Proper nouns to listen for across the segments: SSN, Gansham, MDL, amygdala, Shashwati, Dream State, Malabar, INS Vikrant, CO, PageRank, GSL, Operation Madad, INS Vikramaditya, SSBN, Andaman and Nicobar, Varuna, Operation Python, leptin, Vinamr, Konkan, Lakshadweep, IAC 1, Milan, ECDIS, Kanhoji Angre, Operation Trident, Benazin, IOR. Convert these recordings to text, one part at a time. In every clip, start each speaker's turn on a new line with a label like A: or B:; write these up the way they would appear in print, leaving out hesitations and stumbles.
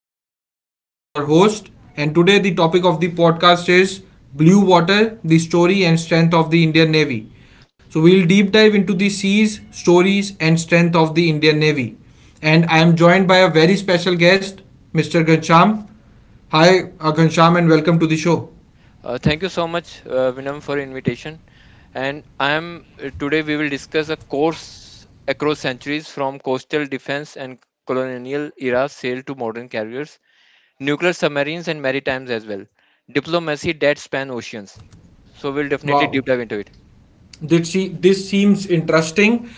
A: am Vinamr, your host, and today the topic of the podcast is Blue Water, the story and strength of the Indian Navy. So we'll deep dive into the seas, stories and strength of the Indian Navy. And I am joined by a very special guest, Mr. Gansham. Hi Gansham, and welcome to the show.
B: Thank you so much, Vinam, for invitation. And I am today we will discuss a course across centuries from coastal defense and colonial era sail to modern carriers, nuclear submarines and maritimes as well, diplomacy that span oceans. So we'll definitely
A: Wow.
B: deep dive into it.
A: This, this seems interesting.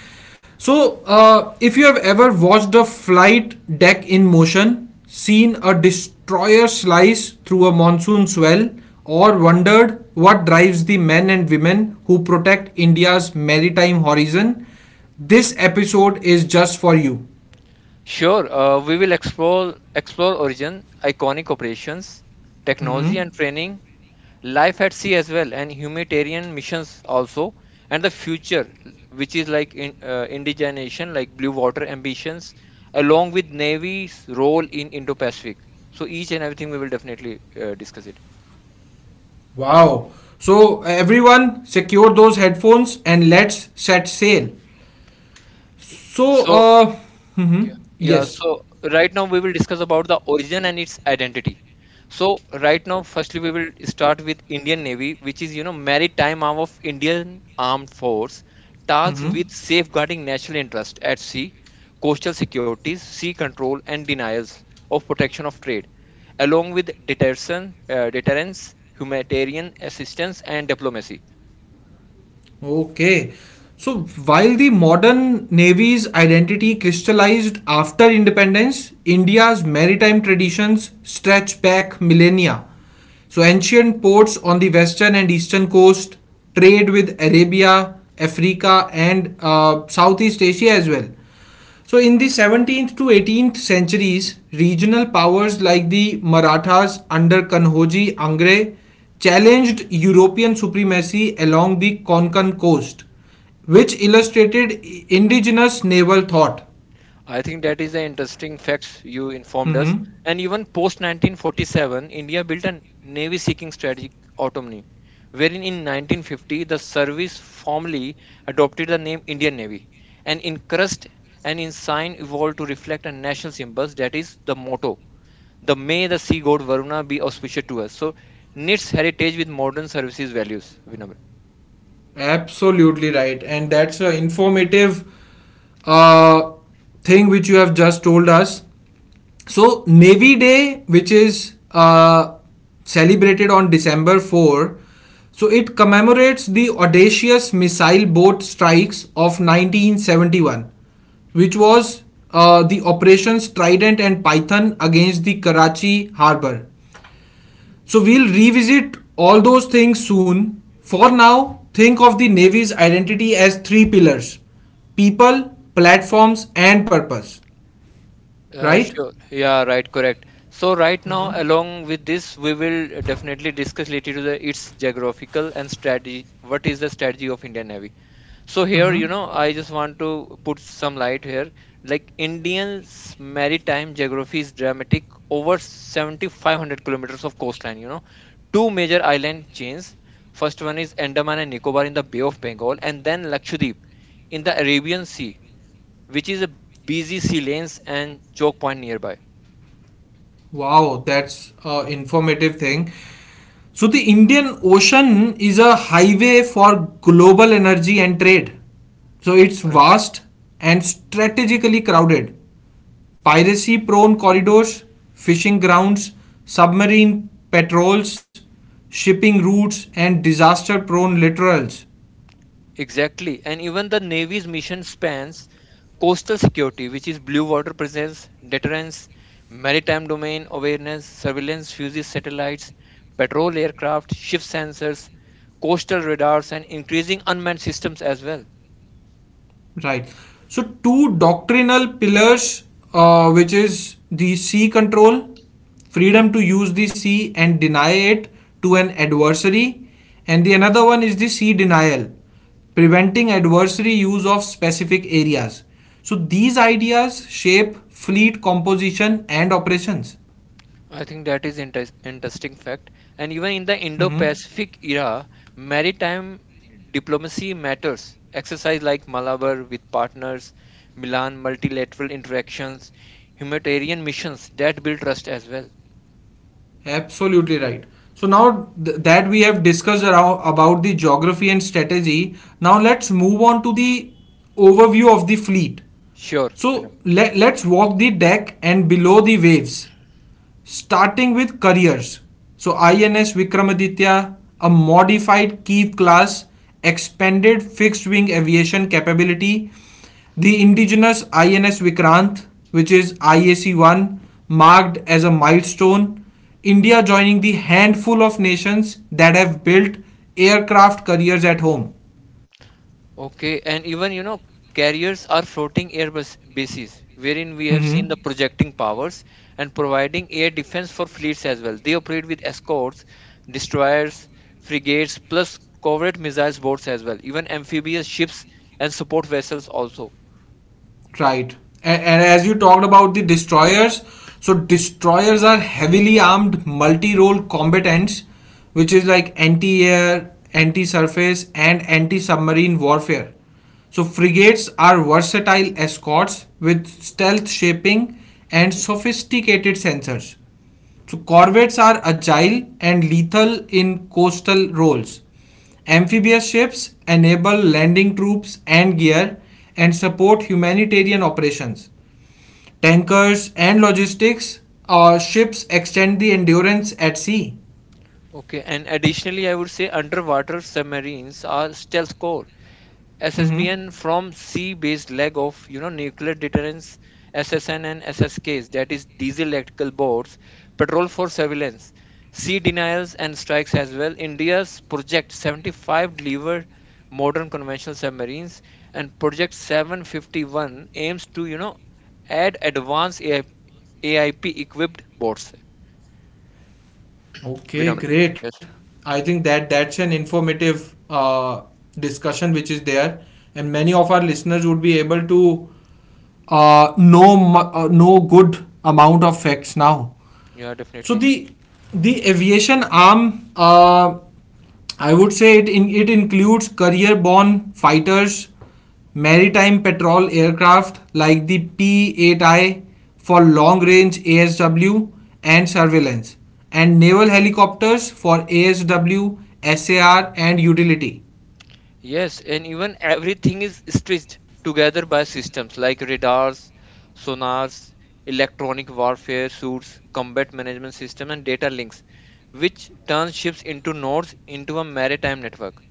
A: So, if you have ever watched a flight deck in motion, seen a destroyer slice through a monsoon swell, or wondered what drives the men and women who protect India's maritime horizon, this episode is just for you.
B: Sure, we will explore origin, iconic operations, technology
A: Mm-hmm.
B: and training, life at sea as well, and humanitarian missions also, and the future, which is like indigenation, like blue water ambitions, along with navy's role in indo-pacific. So each and everything we will definitely discuss it.
A: Wow. So, everyone, secure those headphones and let's set sail. So,
B: So.
A: uh, mhm,
B: Yeah. Yeah,
A: yes.
B: so right now we will discuss about the origin and its identity. So right now, firstly, we will start with Indian Navy, which is maritime arm of Indian Armed Force, tasked
A: Mhm.
B: with safeguarding national interest at sea, coastal securities, sea control, and denials of protection of trade, along with deterrence, humanitarian assistance, and diplomacy.
A: Okay. So while the modern navy's identity crystallized after independence, India's maritime traditions stretch back millennia. So ancient ports on the western and eastern coast trade with Arabia, Africa, and Southeast Asia as well. So, in the 17th to 18th centuries, regional powers like the Marathas under Kanhoji Angre challenged European supremacy along the Konkan coast, which illustrated indigenous naval thought.
B: I think that is the interesting facts you informed
A: Mhm.
B: us. And even post 1947, India built a navy seeking strategic autonomy, wherein in 1950 the service formally adopted the name Indian Navy. And in crest and in sign evolved to reflect a national symbols, that is the motto. The may the sea god Varuna be auspicious to us. So knits heritage with modern services values, Vinamra.
A: Absolutely right, and that's an informative uh, thing which you have just told us. So Navy Day, which is celebrated on December 4th, so it commemorates the audacious missile boat strikes of 1971, which was the operations Trident and Python against the Karachi harbor. So we'll revisit all those things soon. For now, think of the Navy's identity as three pillars: people, platforms, and purpose. Right?
B: Sure. Yeah, right, correct. So right now, along with this, we will definitely discuss related to the its geographical and strategy. What is the strategy of Indian Navy? So here,
A: Mm-hmm.
B: I just want to put some light here. Like Indian's maritime geography is dramatic, over 7,500 kilometers of coastline. Two major island chains. First one is Andaman and Nicobar in the Bay of Bengal, and then Lakshadweep in the Arabian Sea, which is a busy sea lanes and choke point nearby.
A: Wow, that's a informative thing. So the Indian Ocean is a highway for global energy and trade. So it's
B: Correct.
A: vast and strategically crowded. Piracy prone corridors, fishing grounds, submarine patrols, shipping routes and disaster prone littorals.
B: Exactly. And even the Navy's mission spans coastal security, which is blue water presence, deterrence, maritime domain awareness, surveillance, fuses, satellites, patrol aircraft, ship sensors, coastal radars, and increasing unmanned systems as well.
A: Right. So two doctrinal pillars, which is the sea control,
B: Okay.
A: freedom to use the sea and deny it to an adversary, and the another one is the sea denial, preventing adversary use of specific areas. So these ideas shape fleet composition and operations.
B: I think that is interesting fact. And even in the
A: Mhm.
B: Indo-Pacific era, maritime diplomacy matters. Exercise like Malabar with partners, Milan multilateral interactions, humanitarian missions that build trust as well.
A: Absolutely right. So now that we have discussed about the geography and strategy, now let's move on to the overview of the fleet.
B: Sure,
A: So
B: Vinod.
A: let's walk the deck and below the waves, starting with carriers. So INS Vikramaditya, a modified Keith class, expanded fixed wing aviation capability, the indigenous INS Vikrant, which is IAC 1, marked as a milestone. India joining the handful of nations that have built aircraft careers at home.
B: Okay, and even carriers are floating bases, wherein we have seen the
A: Mhm.
B: projecting powers and providing air defense for fleets as well. They operate with escorts, destroyers, frigates, plus covert missiles boats as well, even amphibious ships and support vessels also.
A: Right. And as you talked about the destroyers, so destroyers are heavily armed multi-role combatants, which is like anti-air, anti-surface, and anti-submarine warfare. So frigates are versatile escorts with stealth shaping and
B: Okay.
A: sophisticated sensors. So corvettes are agile and lethal in coastal roles. Amphibious ships enable landing troops and gear and support humanitarian operations. Tankers and logistics ships extend the endurance at sea.
B: Okay, and additionally, I would say underwater submarines are stealth core.
A: Mhm.
B: SSBN from C-based leg of nuclear deterrence. SSN and SSKs, that is diesel electrical boats, patrol for surveillance, sea denials, and strikes as well. India's project 75 delivered modern conventional submarines, and project 751 aims to add advanced AIP equipped boats,
A: Okay,
B: Vinamra.
A: great.
B: Yes.
A: I think that's an informative discussion which is there, and many of our listeners would be able to know good amount of facts now.
B: Yeah,
A: So
B: definitely.
A: the aviation arm, I would say it in, it includes career borne fighters, maritime patrol aircraft like the P-8I for long-range ASW and surveillance, and naval helicopters for ASW, SAR, and utility.
B: Yes, and even everything is stitched together by systems like radars, sonars, electronic warfare suits, combat management system, and data links, which turns ships into nodes into a maritime network.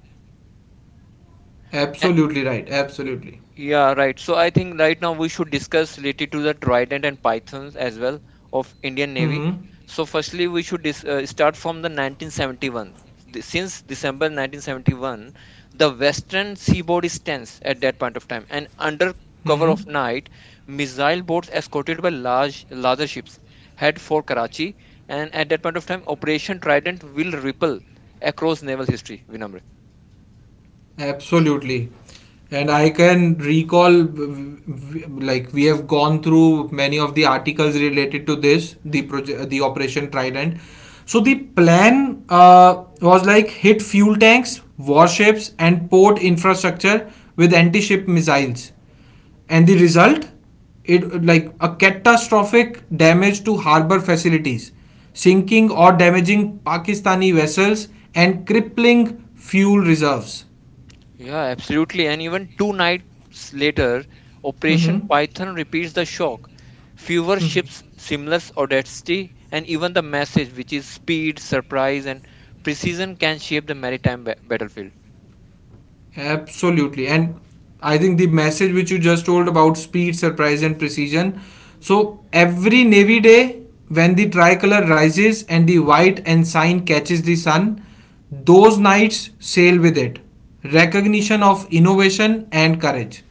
A: Absolutely right.
B: Y-
A: Absolutely.
B: Yeah, right. So I think right now we should discuss related to the Trident and Pythons as well of Indian Navy.
A: Mm-hmm.
B: So firstly, we should dis start from the 1971. Since December 1971, the western seaboard is tense at that point of time, and under cover
A: Mm-hmm.
B: of night, missile boats escorted by larger ships head for Karachi, and at that point of time, Operation Trident will ripple across naval history, Vinamra.
A: Absolutely. And I can recall, like, we have gone through many of the articles related to this, the project, the Operation Trident. So the plan was like hit fuel tanks, warships, and port infrastructure with anti-ship missiles. And the result, it like a catastrophic damage to harbor facilities, sinking or damaging Pakistani vessels, and crippling fuel reserves.
B: Yeah, absolutely. And even two nights later, Operation
A: Mm-hmm.
B: Python repeats the shock. Fewer
A: Mm-hmm.
B: ships, similar audacity, and even the message, which is speed, surprise, and precision, can shape the maritime battlefield.
A: Absolutely. And I think the message which you just told about speed, surprise, and precision. So every Navy day, when the tricolor rises and the white ensign catches the sun, those knights sail with it. Recognition of innovation and courage.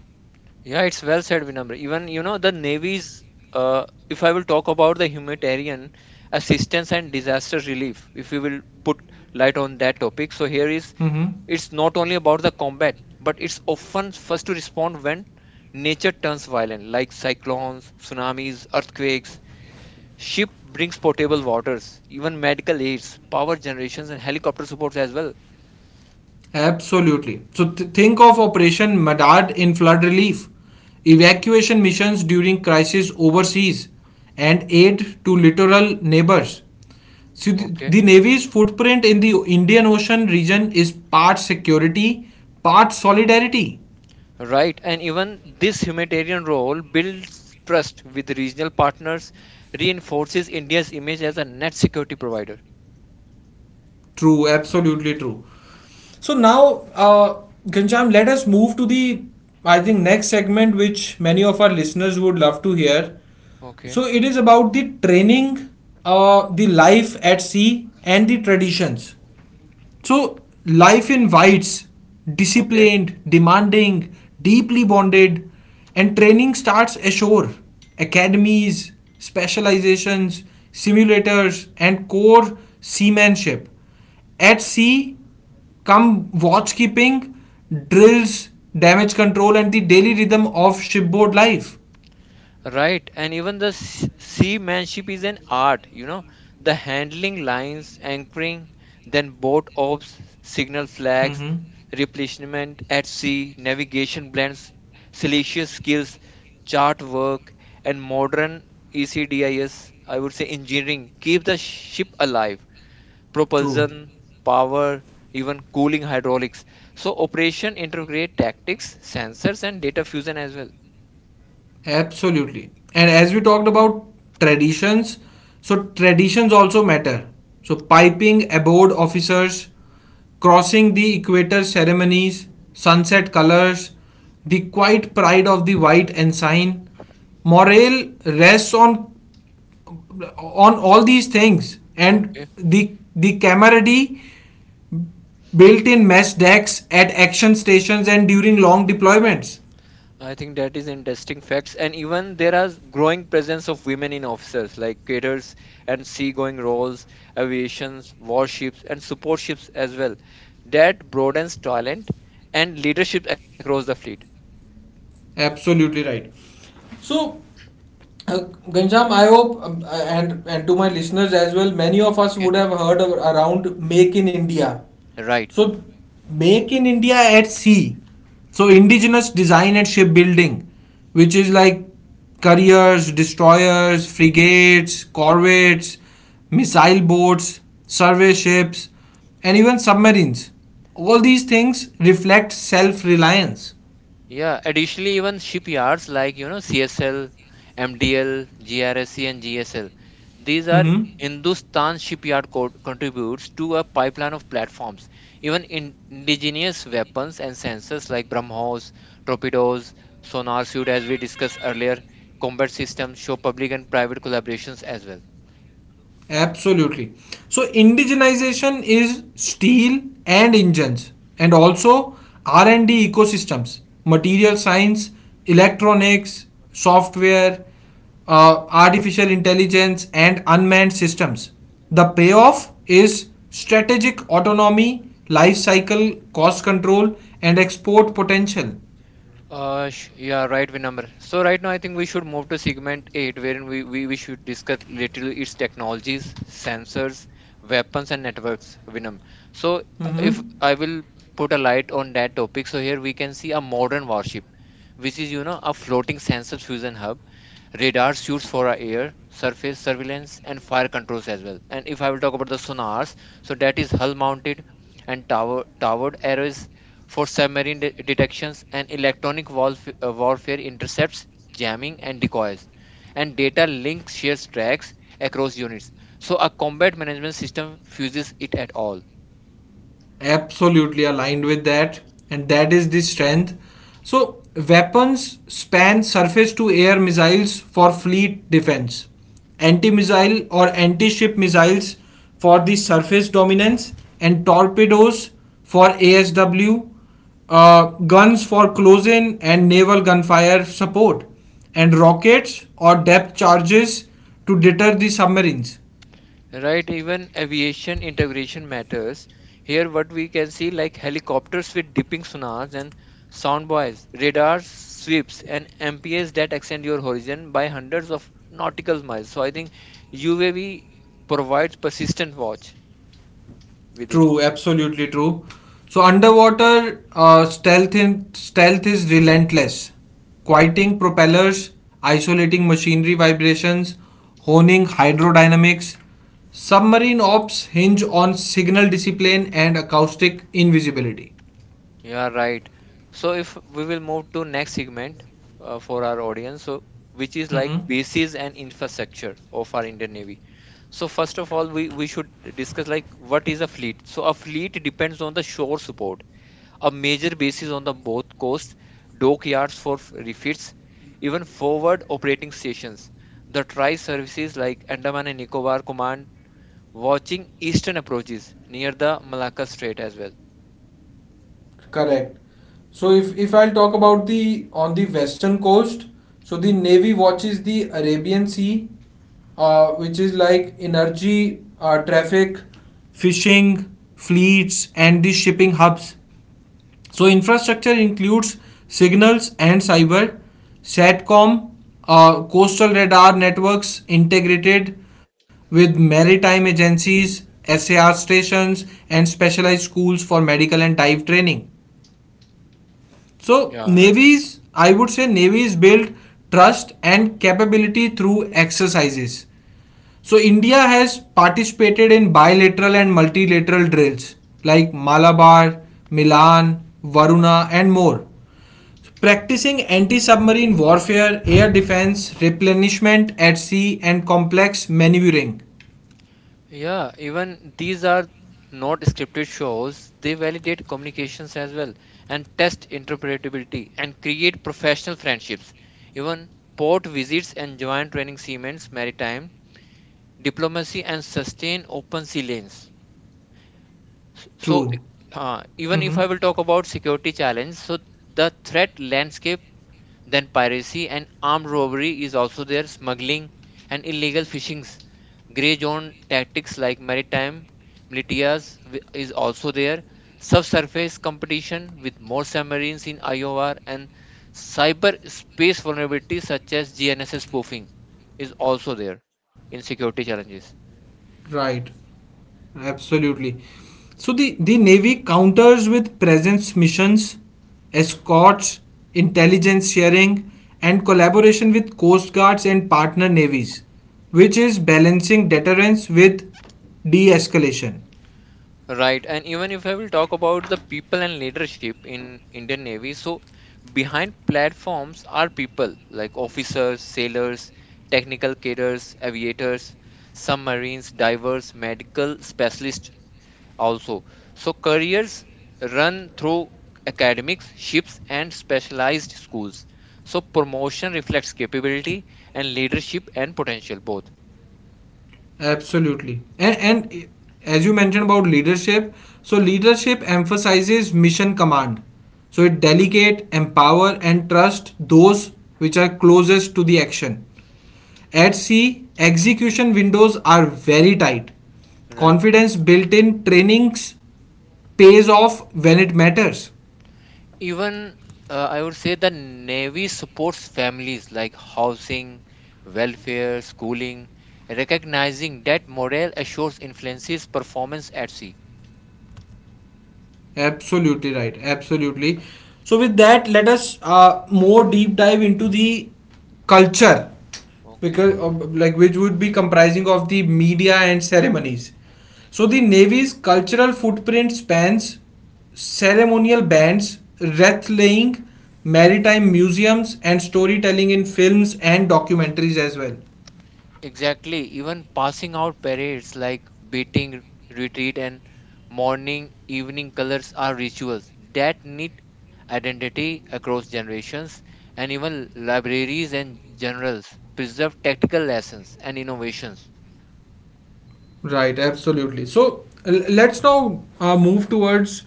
B: Yeah, it's well said, Vinamra. Even, if I will talk about the humanitarian assistance and disaster relief, if we will put light on that topic. So
A: Mm-hmm.
B: it's not only about the combat, but it's often first to respond when nature turns violent, like cyclones, tsunamis, earthquakes. Ship brings potable waters, even medical aids, power generations, and helicopter supports as well.
A: Absolutely. So think of Operation Madad in flood relief, evacuation missions during crisis overseas, and aid to littoral neighbors. So
B: Okay?
A: the Navy's footprint in the Indian Ocean region is part security, part solidarity.
B: Right, and even this humanitarian role builds trust with regional partners, reinforces India's image as a net security provider.
A: True, absolutely true. So now, Ghanshyam, let us move to the, I think, next segment which many of our listeners would love to hear.
B: Okay,
A: So it is about the training, the life at sea, and the traditions. So, life invites
B: okay.
A: disciplined, demanding, deeply bonded, and training starts ashore. Academies, specializations, simulators, and core seamanship. At sea, come watch keeping, drills, damage control, and the daily rhythm of shipboard life.
B: Right, and even the seamanship is an art, the handling lines, anchoring, then boat ops, signal flags,
A: Mm-hmm.
B: replenishment at sea, navigation blends, salacious skills, chart work, and modern ECDIS, I S, I would say engineering, keep the ship alive
A: True.
B: propulsion, power, even cooling hydraulics. So operation integrate tactics, sensors, and data fusion as well.
A: Absolutely. And as we talked about traditions, so traditions also matter. So piping aboard officers, crossing the equator ceremonies, sunset colors, the quiet pride of the white ensign, morale rests on all these things and
B: Okay.
A: the camaraderie built in mess decks at action stations and during long deployments.
B: I think that is interesting facts, and even there are growing presence of women in officers like cadets and seagoing roles, aviations, warships, and support ships as well. That broadens talent and leadership across the fleet.
A: Absolutely right. So, uh, Ganjam, I hope and to my listeners as well, many of us
B: Okay.
A: would have heard of, around Make in India.
B: Right.
A: So, Make in India at sea. So, indigenous design and shipbuilding, which is like carriers, destroyers, frigates, corvettes, missile boats, survey ships, and even submarines. All these things reflect self reliance.
B: Yeah, additionally, even shipyards like CSL, MDL, GRSC, and GSL, these are
A: Mm-hmm.
B: Hindustan shipyard contributes to a pipeline of platforms. Even in indigenous weapons and sensors like BrahMos, torpedoes, sonar suit, as we discussed earlier, combat systems show public and private collaborations as well.
A: Absolutely. So indigenization is steel and engines and also R&D ecosystems, material science, electronics, software, artificial intelligence and unmanned systems. The payoff is strategic autonomy, life cycle, cost control and export potential.
B: Yeah, right, Vinamr. So right now, I think we should move to segment eight, wherein we should discuss literally its technologies, sensors, weapons, and networks, Vinam. So if
A: Mhm.
B: I will put a light on that topic, so here we can see a modern warship, which is a floating sensor fusion hub, radar suits for our air, surface surveillance, and fire controls as well. And if I will talk about the sonars, so that is hull mounted and towered arrays for submarine detections and electronic warfare intercepts, jamming, and decoys. And data links shares tracks across units. So a combat management system fuses it at all.
A: Absolutely aligned with that, and that is the strength. So weapons span surface to air missiles for fleet defense, anti missile or anti ship missiles for the surface dominance, and torpedoes for ASW, uh, guns for close in and naval gunfire support, and rockets or depth charges to deter the submarines.
B: Right, even aviation integration matters. Here, what we can see like helicopters with dipping sonars and sound buoys, radars, sweeps, and MPS that extend your horizon by hundreds of nautical miles. So, I think UAV provides persistent watch with it.
A: True, absolutely true. So underwater stealth is relentless. Quieting propellers, isolating machinery vibrations, honing hydrodynamics. Submarine ops hinge on signal discipline and acoustic invisibility.
B: Yeah, right. So if we will move to next segment, for our audience, so which is like
A: Mhm.
B: bases and infrastructure of our Indian Navy. So first of all, we should discuss like what is a fleet. So a fleet depends on the shore support, a major bases on the both coasts, dockyards for refits, even forward operating stations. The tri services like Andaman and Nicobar Command watching eastern approaches near the Malacca Strait as well.
A: Correct. So if I'll talk about the on the western coast, so the navy watches the Arabian Sea, which is like energy, traffic, fishing, fleets, and the shipping hubs. So infrastructure includes signals and cyber, satcom, coastal radar networks integrated with maritime agencies, SAR stations, and specialized schools for medical and dive training. So
B: Yeah, right.
A: navies, I would say navies build trust and capability through exercises. So India has participated in bilateral and multilateral drills like Malabar, Milan, Varuna and more. Practicing anti-submarine warfare, air defense, replenishment at sea and complex maneuvering.
B: Yeah, even these are not scripted shows. They validate communications as well and test interpretability and create professional friendships. Even port visits and joint training segments, maritime diplomacy, and sustain open sea lanes. S- So,
A: True.
B: uh, even if
A: Mhm.
B: I will talk about security challenge, so the threat landscape then piracy and armed robbery is also there, smuggling and illegal fishings. Grey zone tactics like maritime militias is also there. Subsurface competition with more submarines in IOR and cyberspace vulnerabilities such as GNSS spoofing is also there in security challenges.
A: Right. Absolutely. So the Navy counters with presence missions, escorts, intelligence sharing, and collaboration with coast guards and partner navies, which is balancing deterrence with de escalation.
B: Right, and even if I will talk about the people and leadership in Indian Navy, so behind platforms are people like officers, sailors, technical cadres, aviators, submarines, divers, medical specialists also. So careers run through academics, ships and specialized schools. So promotion reflects capability and leadership and potential both.
A: Absolutely. And as you mentioned about leadership, so leadership emphasizes mission command. So it delegate, empower, and trust those which are closest to the action. At sea, execution windows are very tight.
B: Right.
A: Confidence built in trainings pays off when it matters.
B: Even I would say the Navy supports families like housing, welfare, schooling, recognizing that morale assures influences performance at sea.
A: Absolutely right. Absolutely. So with that, let us more deep dive into the culture
B: Okay.
A: because of, like which would be comprising of the media and ceremonies. So the Navy's cultural footprint spans ceremonial bands, wreath laying, maritime museums, and storytelling in films and documentaries as well.
B: Exactly. Even passing out parades like beating, retreat, and morning, evening colors are rituals that need identity across generations, and even libraries and generals preserve tactical lessons and innovations.
A: Right, absolutely. So let's now move towards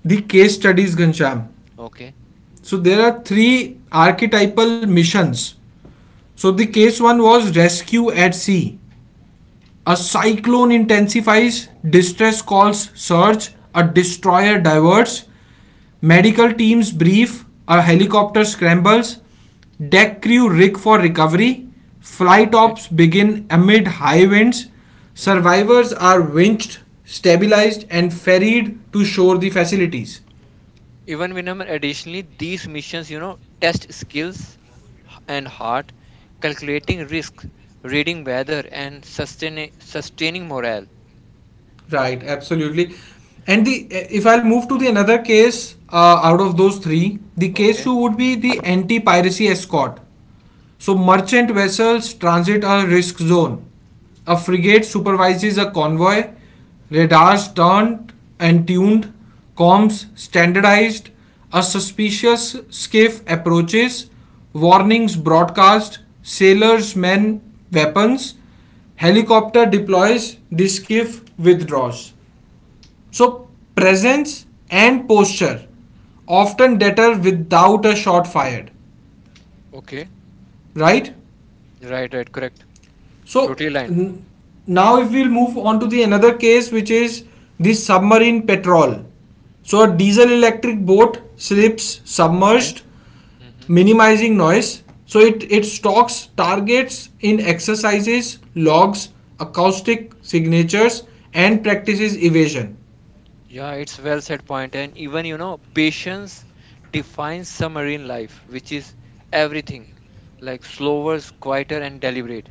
A: the case studies, Gansham.
B: Okay.
A: So there are three archetypal missions. So the
B: Okay.
A: case one was rescue at sea. A cyclone intensifies, distress calls surge, a destroyer diverts, medical teams brief, a helicopter scrambles, deck crew rig for recovery, flight ops begin amid high winds,
B: Mhm.
A: survivors are winched, stabilized, and ferried to shore the facilities.
B: Even Vinam, additionally, these missions, test skills and heart, calculating risks, reading weather, and sustaining morale.
A: Right, absolutely. And the if I'll move to the another case out of those three, the case
B: Okay,
A: two would be the anti-piracy escort. So, merchant vessels transit a risk zone. A frigate supervises a convoy, radars turned and tuned, comms standardized, a suspicious skiff approaches, warnings broadcast, sailors man weapons, helicopter deploys, the skiff withdraws. So, presence and posture often deter without a shot fired,
B: okay,
A: right?
B: right, right, correct.
A: So
B: Totally aligned.
A: now if we'll move on to the another case which is the submarine petrol. So a diesel electric boat slips
B: Okay.
A: submerged,
B: Hmm.
A: minimizing noise. So it stalks targets in exercises, logs, acoustic signatures, and practices evasion.
B: Yeah, it's well said point. And even, patience defines submarine life, which is everything, like slower, quieter, and deliberate.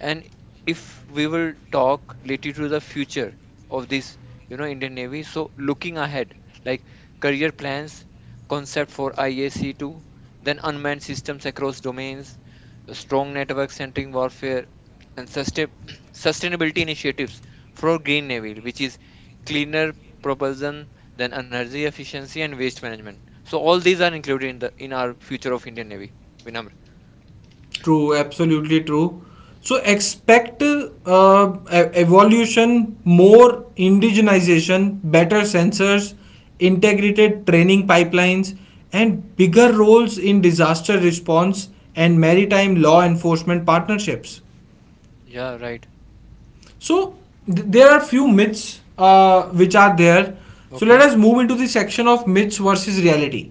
B: And if we will talk related to the future of this, Indian Navy, so looking ahead, like career plans, concept for IAC2, then unmanned systems across domains, a strong network centering warfare, and sustainability initiatives for green navy, which is cleaner propulsion, then energy efficiency and waste management. So all these are included in the in our future of Indian Navy, Vinamr.
A: True, absolutely true. So expect evolution, more indigenization, better sensors, integrated training pipelines, and bigger roles in disaster response and maritime law enforcement partnerships.
B: Yeah, right.
A: So there are few myths which are there. So let
B: Okay,
A: us move into the section of myths versus reality.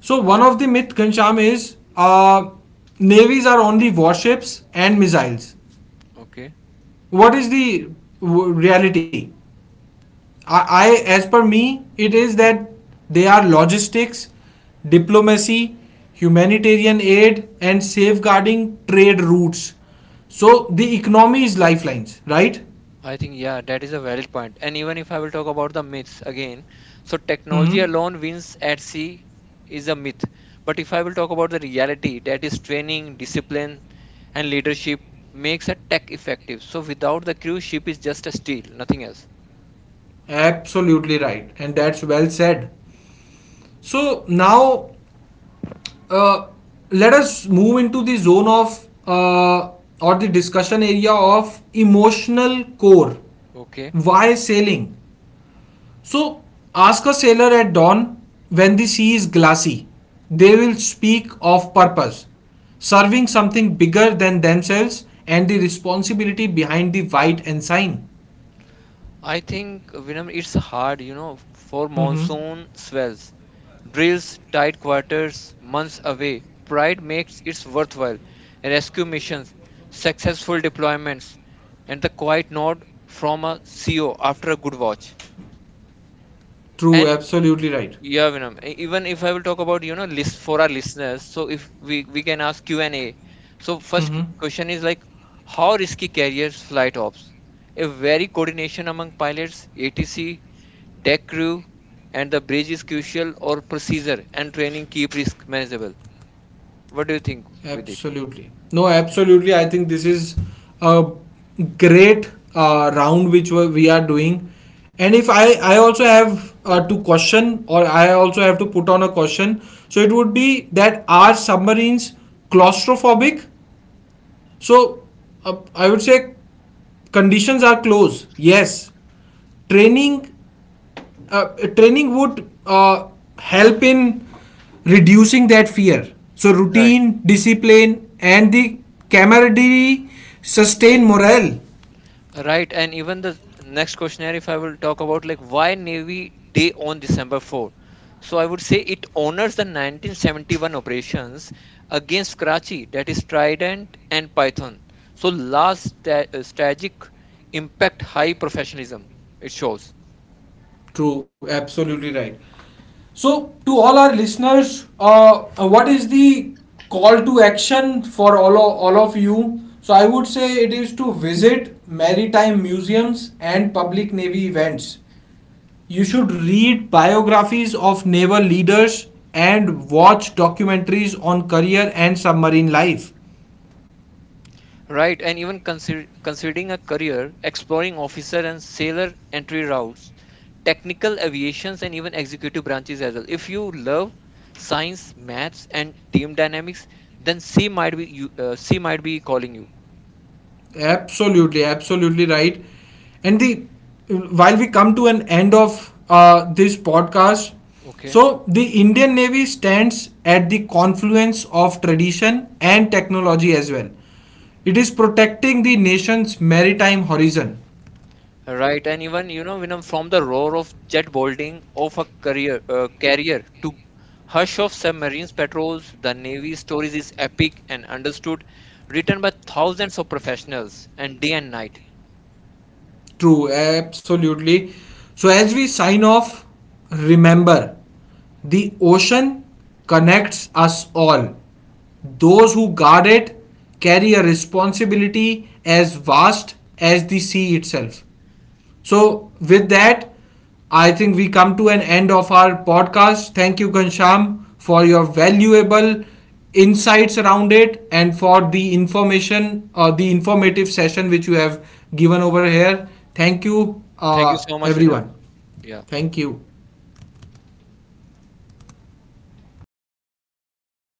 A: So one of the myth, Gansham, is navies are only warships and missiles.
B: okay.
A: What is the reality? I as per me it is
B: Okay.
A: that they are logistics, diplomacy, humanitarian aid and safeguarding trade routes, so the economy is lifelines, right?
B: I think, yeah, that is a valid point. And even if I will talk about the myths again, so technology
A: Mm-hmm.
B: alone wins at sea is a myth. But if I will talk about the reality, that is training, discipline, and leadership makes a tech effective. So without the crew, ship is just a steel, nothing else.
A: Absolutely right, and that's well said. So now, uh, let us move into the zone of or the discussion area of emotional core.
B: Okay.
A: Why sailing? So ask a sailor at dawn when the sea is glassy. They will speak of purpose, serving something bigger than themselves and the responsibility behind the white ensign.
B: I think Vinam, it's hard, for
A: Mm-hmm.
B: monsoon swells, drills, tight quarters, months away. Pride makes it worthwhile. Rescue missions, successful deployments, and the quiet nod from a CO after a good watch.
A: True,
B: And
A: absolutely right.
B: yeah, Vinam, even if I will talk about, list for our listeners, so if we can ask Q&A. So first
A: Mm-hmm.
B: question is like, how risky carriers flight ops? A very coordination among pilots, ATC, deck crew, and the bridge is crucial or procedure and training keep risk manageable. What do you think with it?
A: Absolutely. No, absolutely. I think this is a great round which we are doing. And if I, I also have to question, or I also have to put on a question. So it would be that are submarines claustrophobic? So I would say conditions are close. Yes. Training uh, Training would help in reducing that fear. So
B: Right.
A: routine, discipline, and the camaraderie sustain morale.
B: Right. And even the next questionnaire, if I will talk about like why Navy Day on December 4. So I would say it honors the 1971 operations against Karachi, that is Trident and Python. So last strategic impact, high professionalism, it shows.
A: True, absolutely right. So, to all our listeners, what is the call to action for all of you? So, I would say it is to visit maritime museums and public navy events. You should read biographies of naval leaders and watch documentaries on career and submarine life.
B: Right, and even considering a career, exploring officer and sailor entry routes, technical aviations, and even executive branches as well. If you love science, maths, and team dynamics, then C might be calling you.
A: Absolutely, absolutely right. And the while we come to an end of this podcast,
B: Okay.
A: so the Indian Navy stands at the confluence of tradition and technology as well. It is protecting the nation's maritime horizon.
B: Right, and even Vinam, from the roar of jet bolting of a career carrier to hush of submarines patrols, the Navy stories is epic and understood, written by thousands of professionals and day and night.
A: True, absolutely. So, as we sign off, remember the ocean connects us all. Those who guard it carry a responsibility as vast as the sea itself. So, with that, I think we come to an end of our podcast. Thank you, Ghansham, for your valuable insights around it and for the information or the informative session which you have given over here. Thank you,
B: Thank you so much, Vinam.
A: everyone.
B: Yeah.
A: Thank you.